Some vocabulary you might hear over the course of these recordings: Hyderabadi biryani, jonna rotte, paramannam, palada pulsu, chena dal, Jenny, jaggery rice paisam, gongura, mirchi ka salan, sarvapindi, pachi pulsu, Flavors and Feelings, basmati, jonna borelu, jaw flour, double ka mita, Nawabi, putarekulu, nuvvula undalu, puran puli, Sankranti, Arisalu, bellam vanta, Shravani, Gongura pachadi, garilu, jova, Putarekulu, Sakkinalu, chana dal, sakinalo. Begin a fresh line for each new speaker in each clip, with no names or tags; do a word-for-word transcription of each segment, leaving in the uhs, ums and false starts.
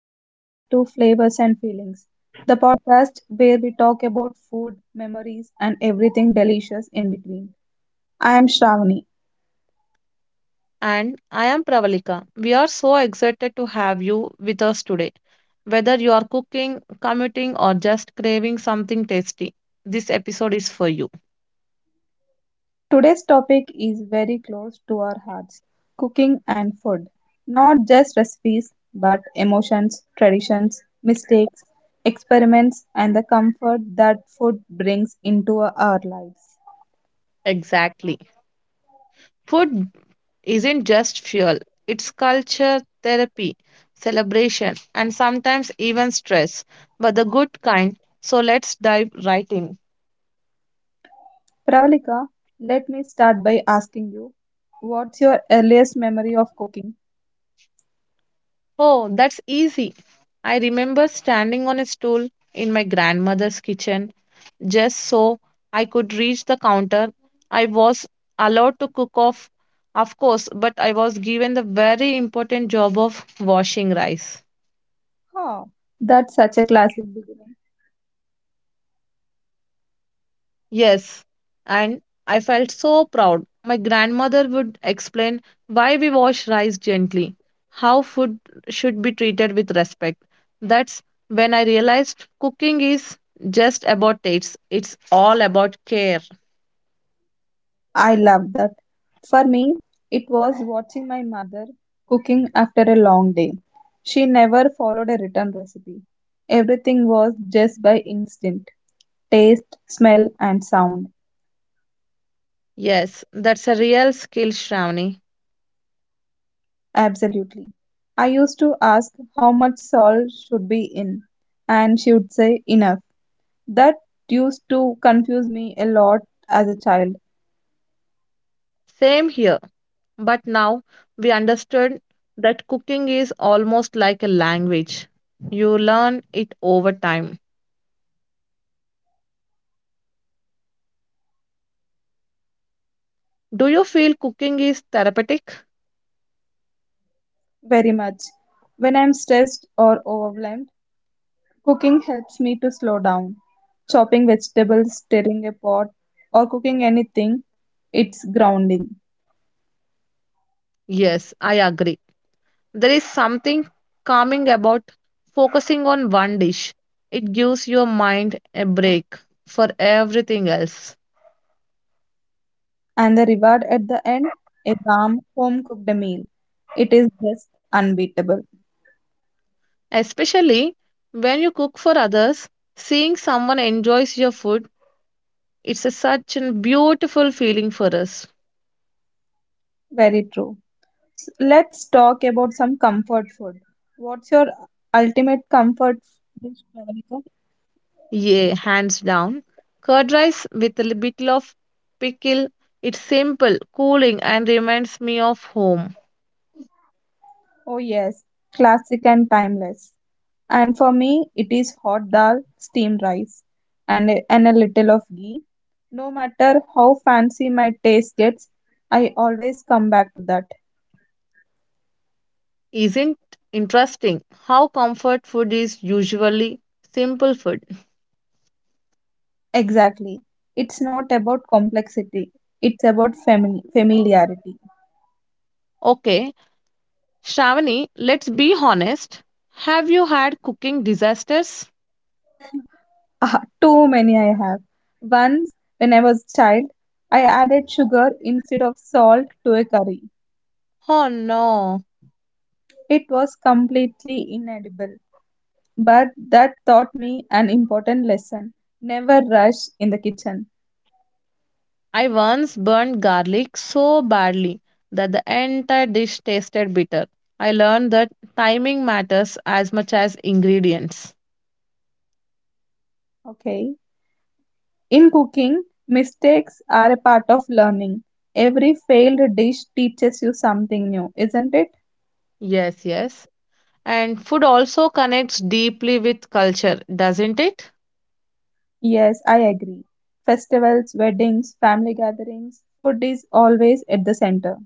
Welcome back to Flavors and Feelings, the podcast where we talk about food, memories, and everything delicious in between. I am Shravani.
And I am Pravalika. We are so excited to have you with us today. Whether you are cooking, commuting, or just craving something tasty, this episode is for you.
Today's topic is very close to our hearts cooking and food. Not just recipes, but emotions, traditions, mistakes, experiments, and the comfort that food brings into our lives.
Exactly. Food isn't just fuel, it's culture, therapy, celebration, and sometimes even stress, but the good kind. So let's dive right in.
Pravalika, let me start by asking you what's your earliest memory of cooking?
Oh, that's easy. I remember standing on a stool in my grandmother's kitchen just so I could reach the counter. I was allowed to cook off, of course, but I was given the very important job of washing rice.
Oh, that's such a classic beginning.
Yes, and I felt so proud. My grandmother would explain why we wash rice gently, how food should be treated with respect. That's when I realized cooking is just about tastes, it's all about care.
I love that. For me, it was watching my mother cooking after a long day. She never followed a written recipe. Everything was just by instinct, taste, smell, and sound.
Yes, that's a real skill, Shravani.
Absolutely. I used to ask how much salt should be in, and she would say enough. That used to confuse me a lot as a child,
Same here. But now we understood that cooking is almost like a language. You learn it over time. Do you feel cooking is therapeutic?
very much. When I'm stressed or overwhelmed, cooking helps me to slow down. Chopping vegetables, stirring a pot, or cooking anything, it's grounding.
Yes, I agree. There is something calming about focusing on one dish. It gives your mind a break for everything else.
And the reward at the end, a warm, home cooked meal. It is just unbeatable.
Especially when you cook for others, seeing someone enjoys your food, it's a, such a beautiful feeling for us.
Very true. S- Let's talk about some comfort food. What's your ultimate comfort dish, Pravalika?
Yeah, hands down. Curd rice with a li- bit of pickle. It's simple, cooling, and reminds me of home.
Oh, yes, classic and timeless. And for me, it is hot dal, steamed rice, and a, and a little of ghee. No matter how fancy my taste gets, I always come back to that.
Isn't interesting how comfort food is usually simple food?
Exactly. It's not about complexity, it's about fami- familiarity.
Okay, Shravani, let's be honest. Have you had cooking disasters?
Ah, too many I have. Once, when I was child, I added sugar instead of salt to a curry.
Oh no.
It was completely inedible, but that taught me an important lesson. Never rush in the kitchen.
I once burned garlic so badly that the entire dish tasted bitter. I learned that timing matters as much as ingredients.
Okay. In cooking, mistakes are a part of learning. Every failed dish teaches you something new, isn't it?
Yes, yes. and food also connects deeply with culture, doesn't it?
Yes, I agree. Festivals, weddings, family gatherings, food is always at the center.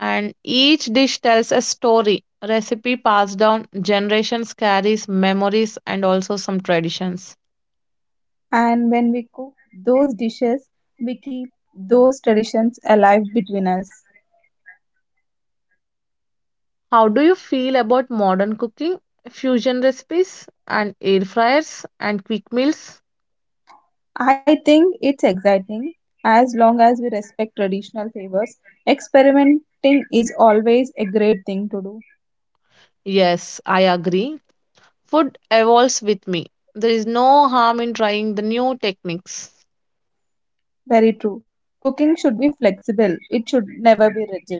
And each dish tells a story. Recipe passed down generations carries memories and also some traditions.
And when we cook those dishes, we keep those traditions alive between us.
How do you feel about modern cooking, fusion recipes, and air fryers and quick meals?
I think it's exciting. As long as we respect traditional favors, experimenting is always a great thing to do.
Yes, I agree. Food evolves with me. There is no harm in trying the new techniques.
Very true. Cooking should be flexible, it should never be rigid.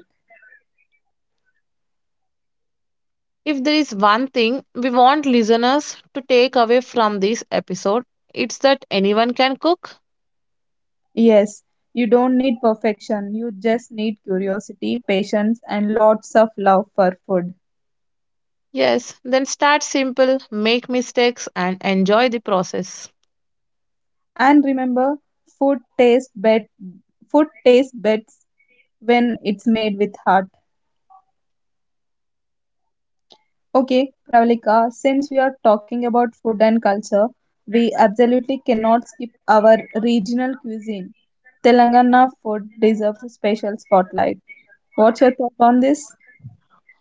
If there is one thing we want listeners to take away from this episode, it's that anyone can cook.
Yes, you don't need perfection, you just need curiosity, patience, and lots of love for food.
Yes, then start simple, make mistakes, and enjoy the process.
And remember, food tastes bet food tastes best when it's made with heart. Okay, Pravalika, since we are talking about food and culture, we absolutely cannot skip our regional cuisine. Telangana food deserves a special spotlight. What's your thought on this?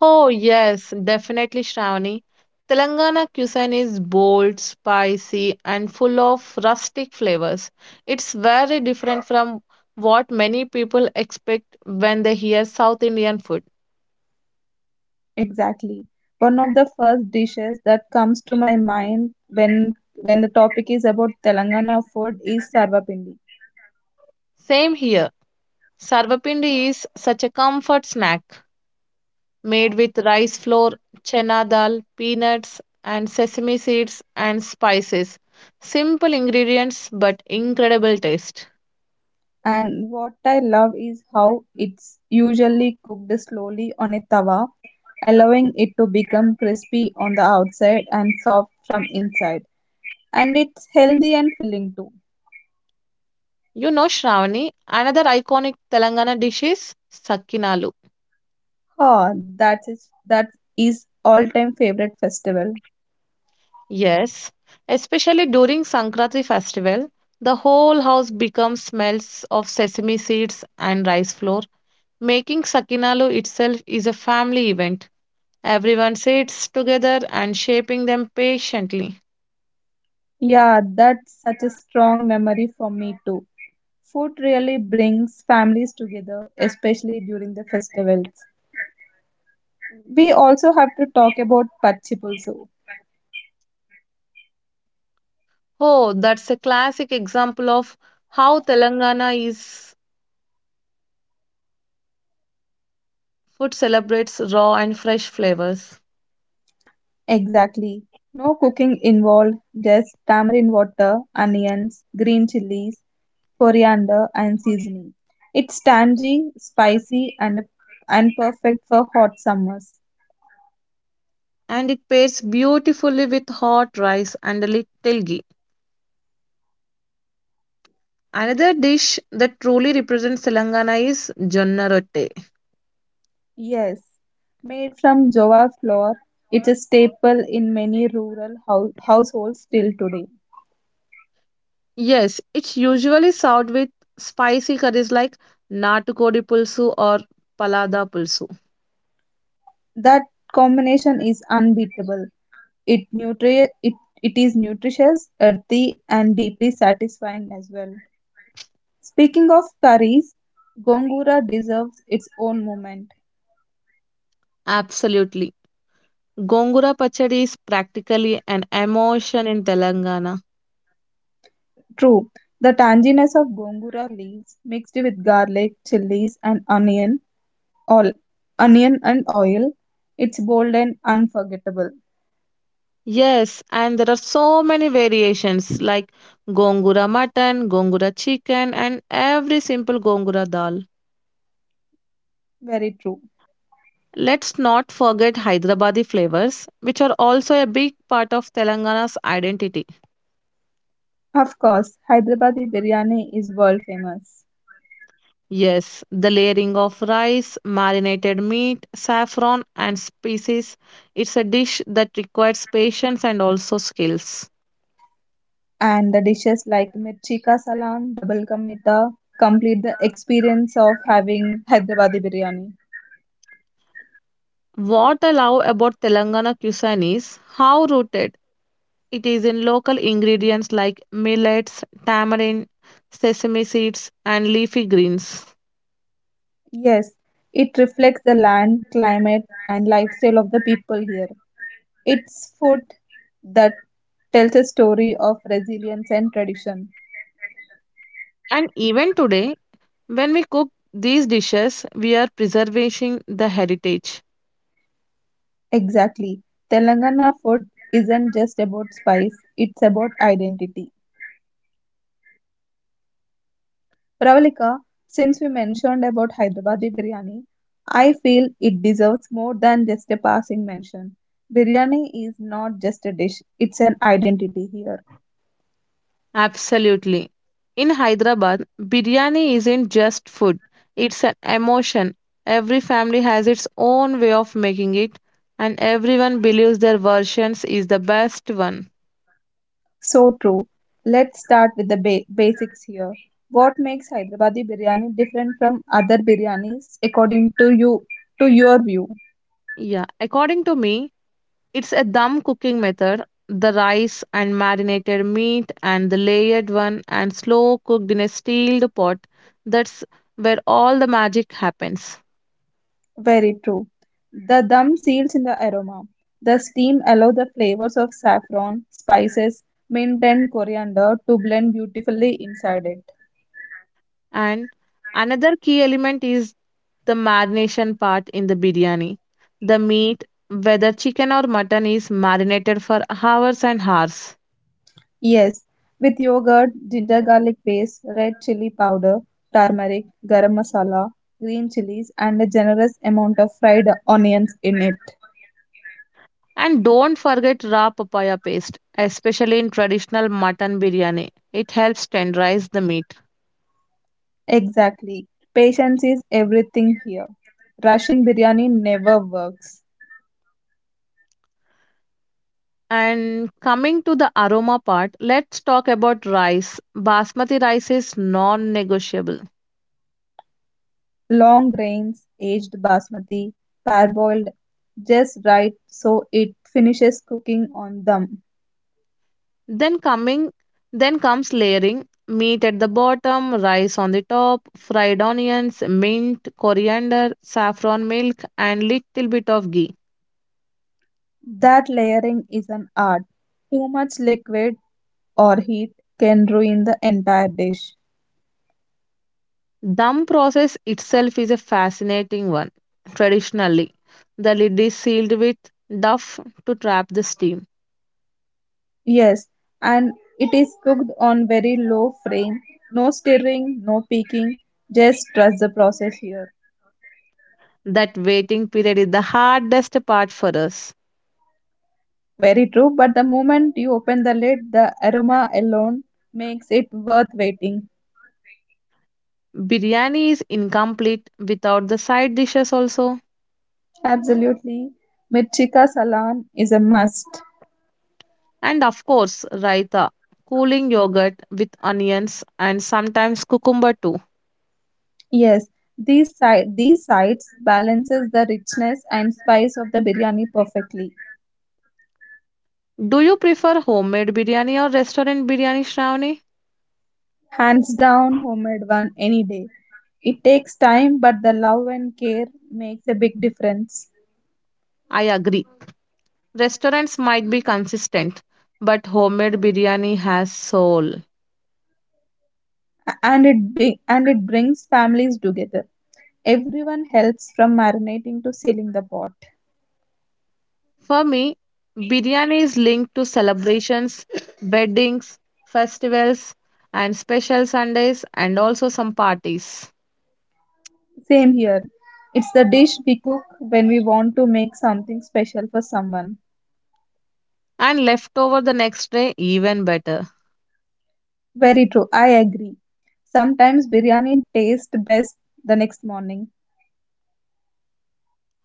Oh, yes, definitely, Shravani. Telangana cuisine is bold, spicy, and full of rustic flavors. It's very different from what many people expect when they hear South Indian food.
Exactly. One of the first dishes that comes to my mind when when the topic is about Telangana food is sarvapindi.
Same here. Sarvapindi is such a comfort snack, made with rice flour, chana dal, peanuts, and sesame seeds and spices. Simple ingredients but incredible taste.
And what I love is how it's usually cooked slowly on a tawa, allowing it to become crispy on the outside and soft from inside. And it's healthy and filling too.
You know, Shravani, another iconic Telangana dish is Sakkinalu.
Oh, that is that is all-time favorite festival.
Yes, especially during Sankranti festival, the whole house becomes smells of sesame seeds and rice flour. Making Sakkinalu itself is a family event. Everyone sits together and shaping them patiently.
Yeah, that's such a strong memory for me too. Food really brings families together, especially during the festivals. We also have to talk about pachi pulsu.
Oh, that's a classic example of how Telangana is food celebrates raw and fresh flavors.
Exactly. No cooking involved, just tamarind water, onions, green chilies, coriander, and seasoning. It's tangy, spicy, and, and perfect for hot summers.
And it pairs beautifully with hot rice and a little ghee. Another dish that truly represents Telangana is jonna rotte.
Yes. Made from jova flour, it's a staple in many rural hou- households till today.
Yes, it's usually served with spicy curries like natukodi pulsu or palada pulsu.
That combination is unbeatable. It nutri it, it is nutritious, earthy, and deeply satisfying as well. Speaking of curries, gongura deserves its own moment.
Absolutely. Gongura pachadi is practically an emotion in Telangana.
True, the tanginess of gongura leaves mixed with garlic, chilies, and onion, all onion and oil, it's bold and unforgettable.
Yes, and there are so many variations like gongura mutton, gongura chicken, and every simple gongura dal.
Very true.
Let's not forget Hyderabadi flavors, which are also a big part of Telangana's identity.
Of course, Hyderabadi biryani is world famous.
Yes, the layering of rice, marinated meat, saffron, and spices. It's a dish that requires patience and also skills.
And the dishes like mirchi ka salan, double ka mita complete the experience of having Hyderabadi biryani.
What I love about Telangana cuisine is how rooted it is in local ingredients like millets, tamarind, sesame seeds, and leafy greens.
Yes, it reflects the land, climate, and lifestyle of the people here. It's food that tells a story of resilience and tradition.
And even today, when we cook these dishes, we are preserving the heritage.
Exactly. Telangana food isn't just about spice, it's about identity. Pravalika, since we mentioned about Hyderabadi biryani, I feel it deserves more than just a passing mention. Biryani is not just a dish, it's an identity here.
Absolutely. In Hyderabad, biryani isn't just food, it's an emotion. Every family has its own way of making it, and everyone believes their versions is the best one.
So true. Let's start with the ba- basics here. What makes Hyderabadi biryani different from other biryanis according to you to your view?
Yeah, according to me, it's a dum cooking method. The rice and marinated meat and the layered one and slow cooked in a steeled pot. That's where all the magic happens.
Very true. The dum seals in the aroma. The steam allows the flavors of saffron, spices, mint and coriander to blend beautifully inside it.
And another key element is the marination part in the biryani. The meat, whether chicken or mutton, is marinated for hours and hours.
Yes, with yogurt, ginger garlic paste, red chili powder, turmeric, garam masala, green chilies and a generous amount of fried onions in it.
And don't forget raw papaya paste, especially in traditional mutton biryani. It helps tenderize the meat.
Exactly. Patience is everything here. Rushing biryani never works.
And coming to the aroma part, let's talk about rice. Basmati rice is non-negotiable.
Long grains, aged basmati, parboiled just right so it finishes cooking on them.
Then coming then comes layering, meat at the bottom, rice on the top, fried onions, mint, coriander, saffron milk and little bit of ghee.
That layering is an art. Too much liquid or heat can ruin the entire dish.
Dum process itself is a fascinating one. Traditionally, the lid is sealed with duff to trap the steam.
Yes, and it is cooked on very low flame. No stirring, no peeking. Just trust the process here.
That waiting period is the hardest part for us.
Very true, but the moment you open the lid, the aroma alone makes it worth waiting.
Biryani is incomplete without the side dishes also.
Absolutely. Mirchika Salan is a must.
And of course, raita, cooling yogurt with onions and sometimes cucumber too.
Yes, these side these sides balances the richness and spice of the biryani perfectly.
Do you prefer homemade biryani or restaurant biryani, Shravani?
Hands down, homemade one any day. It takes time, but the love and care makes a big difference.
I agree. Restaurants might be consistent, but homemade biryani has soul.
A- and it big and it brings families together. Everyone helps from marinating to sealing the pot.
For me, biryani is linked to celebrations, weddings, festivals, and special Sundays, and also some parties.
Same here. It's the dish we cook when we want to make something special for someone.
And leftover the next day even better.
Very true. I agree. Sometimes biryani tastes best the next morning.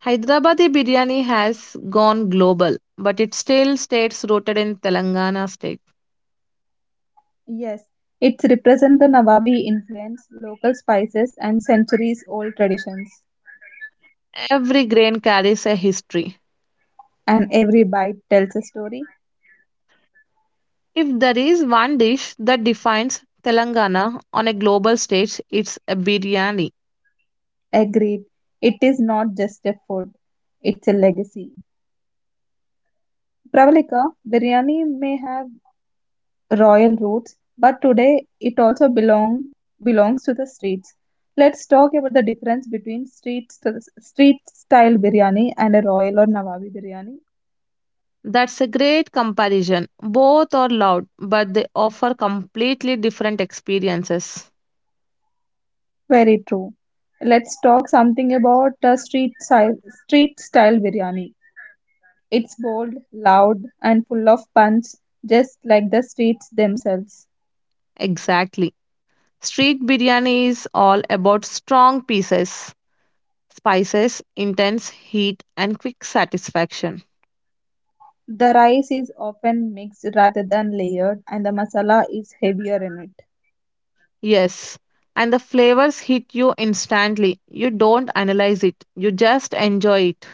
Hyderabadi biryani has gone global, but it still stays rooted in Telangana state.
Yes, it represents the Nawabi influence, local spices, and centuries old traditions.
Every grain carries a history.
And every bite tells a story.
If there is one dish that defines Telangana on a global stage, it's a biryani.
Agreed. It is not just a food, it's a legacy. Pravalika, biryani may have royal roots, but today it also belong belongs to the streets. Let's talk about the difference between street street style biryani and a royal or Nawabi biryani.
That's a great comparison. Both are loud, but they offer completely different experiences.
Very true. Let's talk something about the street style street style biryani. It's bold, loud, and full of punch, just like the streets themselves.
Exactly. Street biryani is all about strong pieces spices, intense heat, and quick satisfaction.
The rice is often mixed rather than layered, and the masala is heavier in it.
Yes, and the flavors hit you instantly. You don't analyze it, you just enjoy it.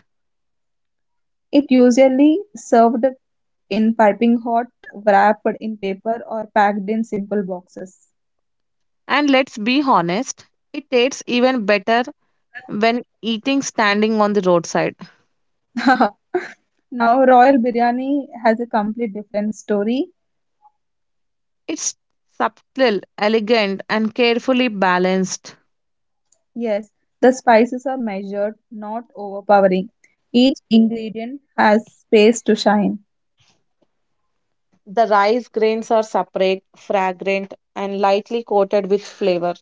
It usually served in piping hot, wrapped in paper, or packed in simple boxes.
And let's be honest, it tastes even better when eating standing on the roadside.
Now, Royal Biryani has a complete different story.
It's subtle, elegant, and carefully balanced.
Yes, the spices are measured, not overpowering. Each ingredient has space to shine,
The rice grains are separate, fragrant, and lightly coated with flavor.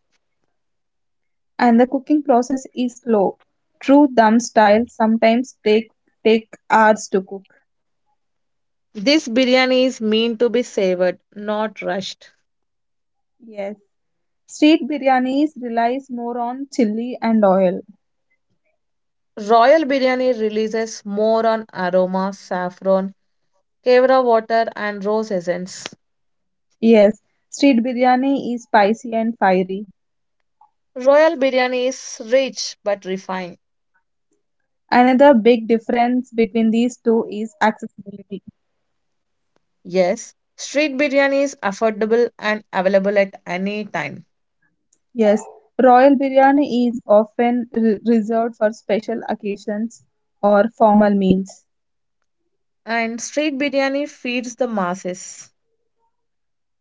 and the cooking process is slow. True dum style sometimes take take hours to cook.
This biryani is meant to be savored, not rushed.
Yes, street biryanis relies more on chili and oil.
Royal biryani releases more on aroma, saffron, kevra water, and rose essence.
Yes, street biryani is spicy and fiery.
Royal biryani is rich but refined.
Another big difference between these two is accessibility.
Yes, street biryani is affordable and available at any time.
Yes, royal biryani is often re- reserved for special occasions or formal meals.
And street biryani feeds the masses.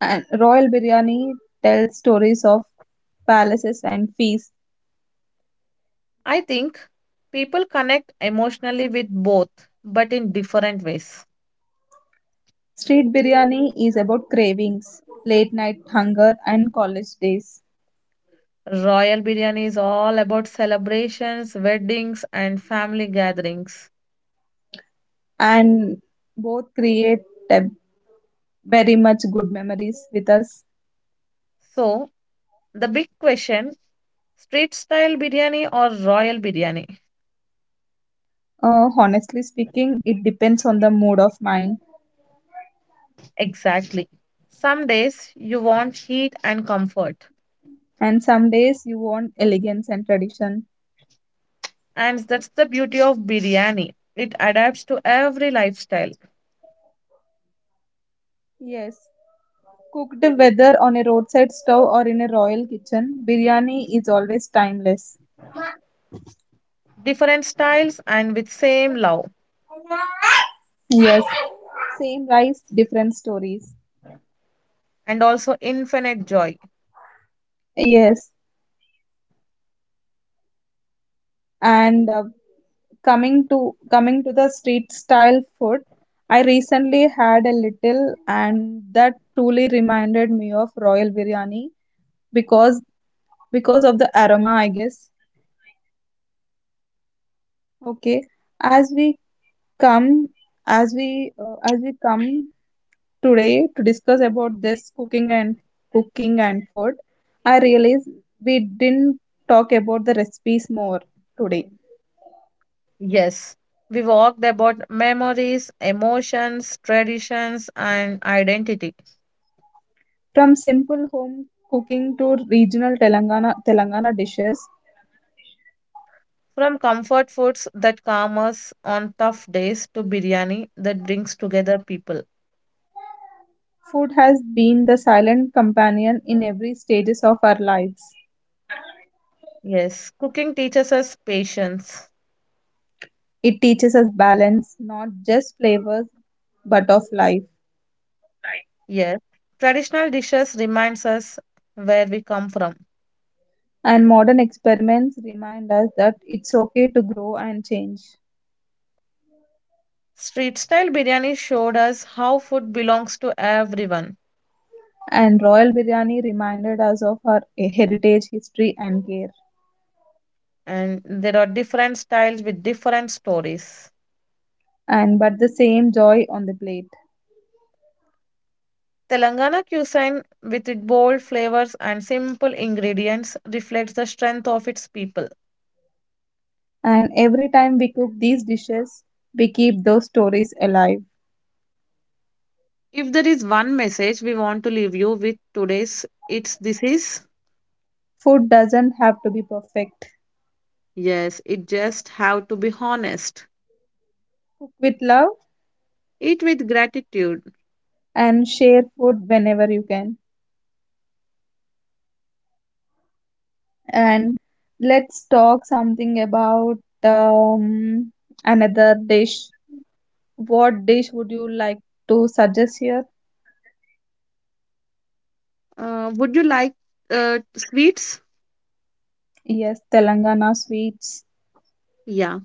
And royal biryani tells stories of palaces and feasts.
I think people connect emotionally with both, but in different ways.
Street biryani is about cravings, late night hunger, and college days.
Royal biryani is all about celebrations, weddings, and family gatherings.
And both create a very much good memories with us.
So, the big question, street style biryani or royal biryani?
Uh, honestly speaking, it depends on the mood of mind.
Exactly. Some days you want heat and comfort.
And some days you want elegance and tradition.
And that's the beauty of biryani. It adapts to every lifestyle,
Yes, cooked whether on a roadside stove or in a royal kitchen, biryani is always timeless.
different styles and with same love
Yes, same rice, different stories.
and also infinite joy.
Yes, and uh, coming to coming to the street style food, I recently had a little, and that truly reminded me of royal biryani because because of the aroma, I guess. Okay, as we come as we uh, as we come today to discuss about this cooking and cooking and food, I realize we didn't talk about the recipes more today.
Yes, we walked about memories, emotions, traditions and identity.
From simple home cooking to regional telangana telangana dishes,
From comfort foods that calm us on tough days to biryani that brings together people.
food has been the silent companion in every stages of our lives.
Yes, cooking teaches us patience.
It teaches us balance, not just flavors, but of life.
Yes, traditional dishes reminds us where we come from.
And modern experiments remind us that it's okay to grow and change.
Street style biryani showed us how food belongs to everyone,
And royal biryani reminded us of our heritage, history, and care,
and there are different styles with different stories.
and but the same joy on the plate.
Telangana cuisine, with its bold flavors and simple ingredients, reflects the strength of its people.
And every time we cook these dishes, we keep those stories alive.
If there is one message we want to leave you with today's, it's this is
Food doesn't have to be perfect.
yes, it just have to be honest.
Cook with love
Eat with gratitude.
and share food whenever you can. And let's talk something about um, another dish. What dish would you like to suggest here?
Uh, would you like uh, sweets?
Yes, Telangana sweets.
Yeah,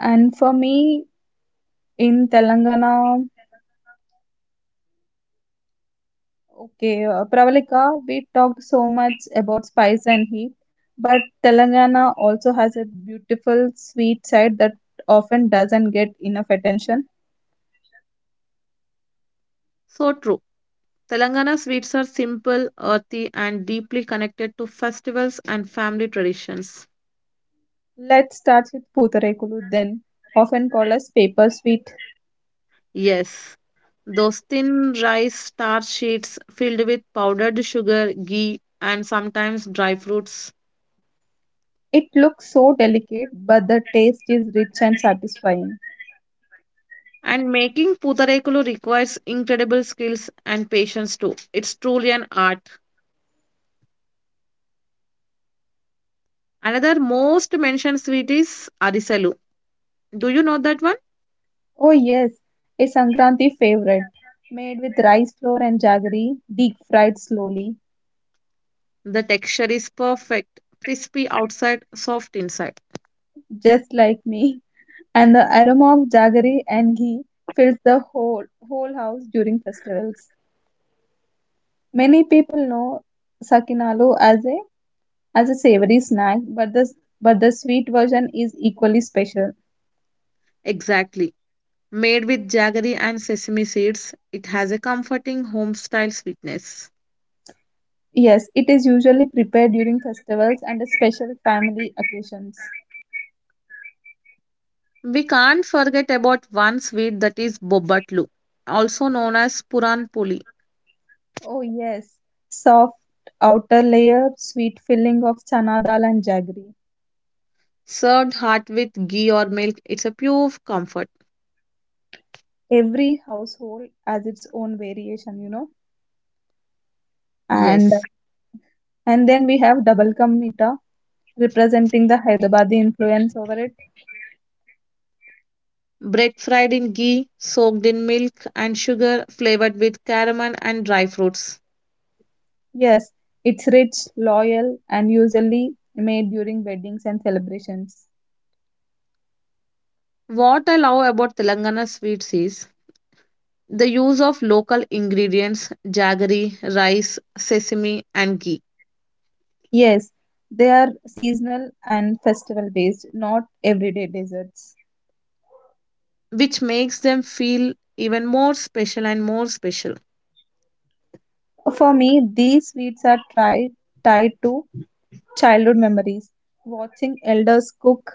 And for me, in Telangana, okay, uh, Pravalika, we talked so much about spice and heat, but Telangana also has a beautiful sweet side that often doesn't get enough attention.
so true. Telangana sweets are simple, earthy, and deeply connected to festivals and family traditions.
Let's start with Putarekulu then, often called as paper sweet.
Yes, those thin rice star sheets filled with powdered sugar, ghee, and sometimes dry fruits.
It looks so delicate, but the taste is rich and satisfying.
And making putarekulu requires incredible skills and patience too. It's truly an art. Another most mentioned sweet is Arisalu. Do you know that one?
Oh yes, a Sankranti favorite, made with rice flour and jaggery, deep fried slowly,
The texture is perfect, crispy outside, soft inside.
just like me. And the aroma of jaggery and ghee fills the whole whole house during festivals. Many people know sakinalo as a as a savory snack, but the but the sweet version is equally special.
Exactly. Made with jaggery and sesame seeds, it has a comforting home style sweetness.
Yes, it is usually prepared during festivals and special family occasions.
We can't forget about one sweet that is bobatlu, also known as puran puli.
Oh yes, soft outer layer, sweet filling of chana dal and jaggery.
Served hot with ghee or milk, it's a pure comfort.
Every household has its own variation, you know. And
Yes.
and then we have double ka representing the Hyderabadi influence over it.
Bread fried in ghee, soaked in milk and sugar, flavored with caramel and dry fruits.
Yes, it's rich, loyal, and usually made during weddings and celebrations.
What I love about Telangana sweets is the use of local ingredients, jaggery, rice, sesame, and ghee,
Yes, they are seasonal and festival based, not everyday desserts.
which makes them feel even more special and more special.
For me, these sweets are tried, tied to childhood memories, watching elders cook,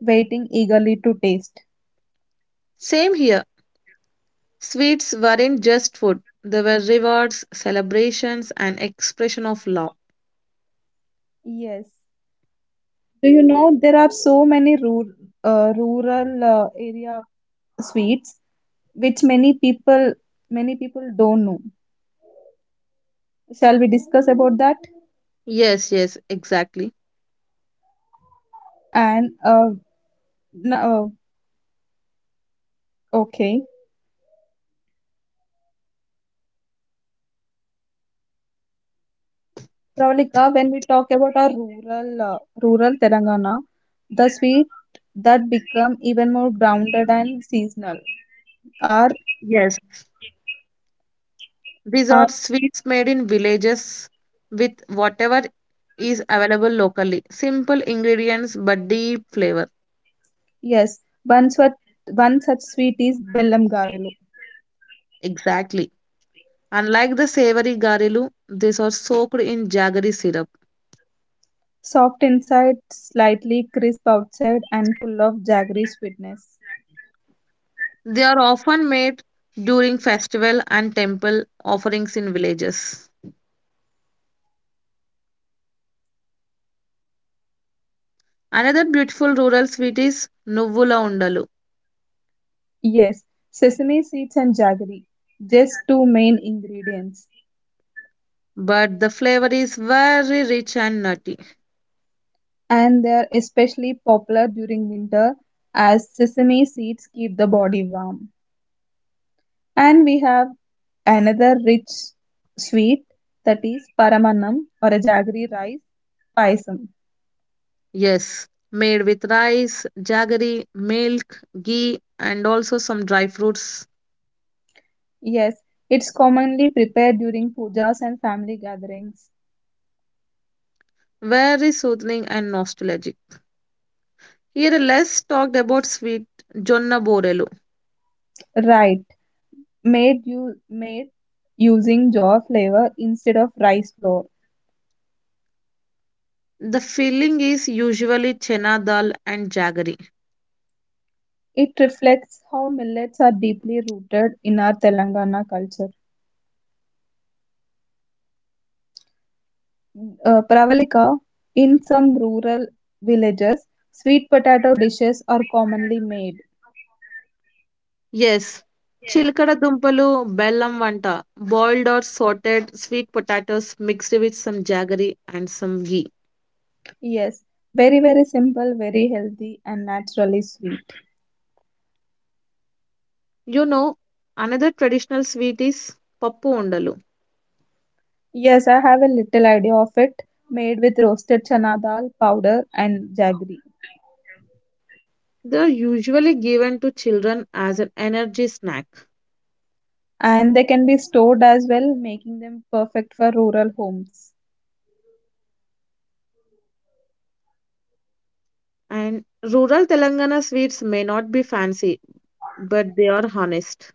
waiting eagerly to taste.
Same here, sweets weren't just food, they were rewards, celebrations, and expression of love.
Yes. Do you know there are so many rural, uh, rural uh, area sweets which many people many people don't know. Shall we discuss about that?
Yes, yes, exactly.
And uh, n- uh, okay, Pravalika, when we talk about our rural uh, rural Telangana, the sweet that become even more grounded and seasonal are
Yes, these are
are
sweets made in villages with whatever is available locally. Simple ingredients but deep flavor.
yes. One such one such sweet is Bellam Garelu,
Exactly. Unlike the savory garilu, these are soaked in jaggery syrup.
soft inside, slightly crisp outside, and full of jaggery sweetness.
They are often made during festival and temple offerings in villages. Another beautiful rural sweet is nuvvula undalu,
Yes, sesame seeds and jaggery, just two main ingredients,
but the flavor is very rich and nutty.
and they are especially popular during winter as sesame seeds keep the body warm. And we have another rich sweet that is paramannam or a jaggery rice paisam.
Yes, made with rice, jaggery, milk, ghee, and also some dry fruits.
Yes, it's commonly prepared during pujas and family gatherings.
Very soothing and nostalgic. Here, less talked about sweet jonna borelu.
Right, made you made using jaw flour instead of rice flour.
The filling is usually chena dal and jaggery.
It reflects how millets are deeply rooted in our Telangana culture. Uh, Pravalika, in some rural villages, sweet potato dishes are commonly made.
Yes, chilkada dumpalu, bellam vanta, boiled or sauteed sweet potatoes mixed with some jaggery and some ghee.
Yes, very, very simple, very healthy, and naturally sweet.
You know, another traditional sweet is pappu undalu.
Yes, I have a little idea of it, made with roasted chana dal powder and jaggery.
They are usually given to children as an energy snack.
And they can be stored as well, making them perfect for rural homes.
And rural Telangana sweets may not be fancy, but they are honest.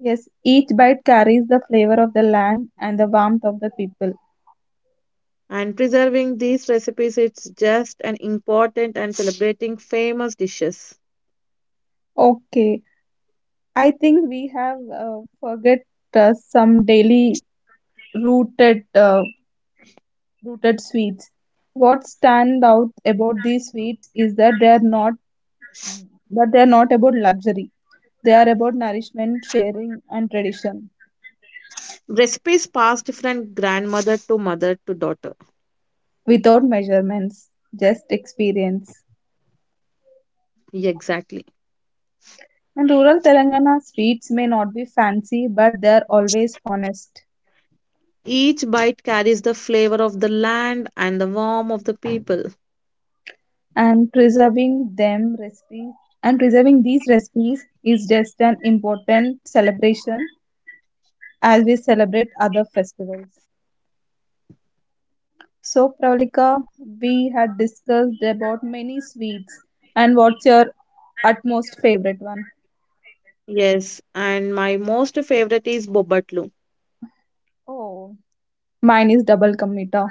Yes, each bite carries the flavor of the land and the warmth of the people.
And preserving these recipes is just an important and celebrating famous dishes.
Okay, I think we have uh, forget uh, some daily rooted uh, rooted sweets. What stand out about these sweets is that they are not that they are not about luxury. They are about nourishment, sharing, and tradition
Recipes passed from grandmother to mother to daughter.
without measurements, just experience.
Yeah, exactly.
And rural Telangana sweets may not be fancy, but they are always honest.
Each bite carries the flavor of the land and the warmth of the people.
And preserving them recipes and preserving these recipes is just an important celebration as we celebrate other festivals. So Pravalika, we had discussed about many sweets, and what's your utmost favorite one?
Yes, and my most favorite is bobatlu.
Oh, mine is double kamita.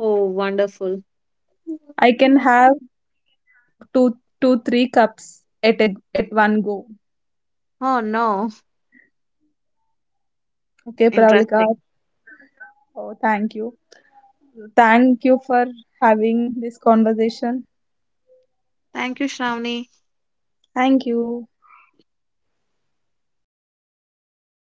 Oh, wonderful.
I can have two two three cups at a, at one go.
Oh, no.
Okay, Pravalika.
Interesting.
Oh, thank you thank you for having this conversation.
Thank you, Shravani.
Thank you.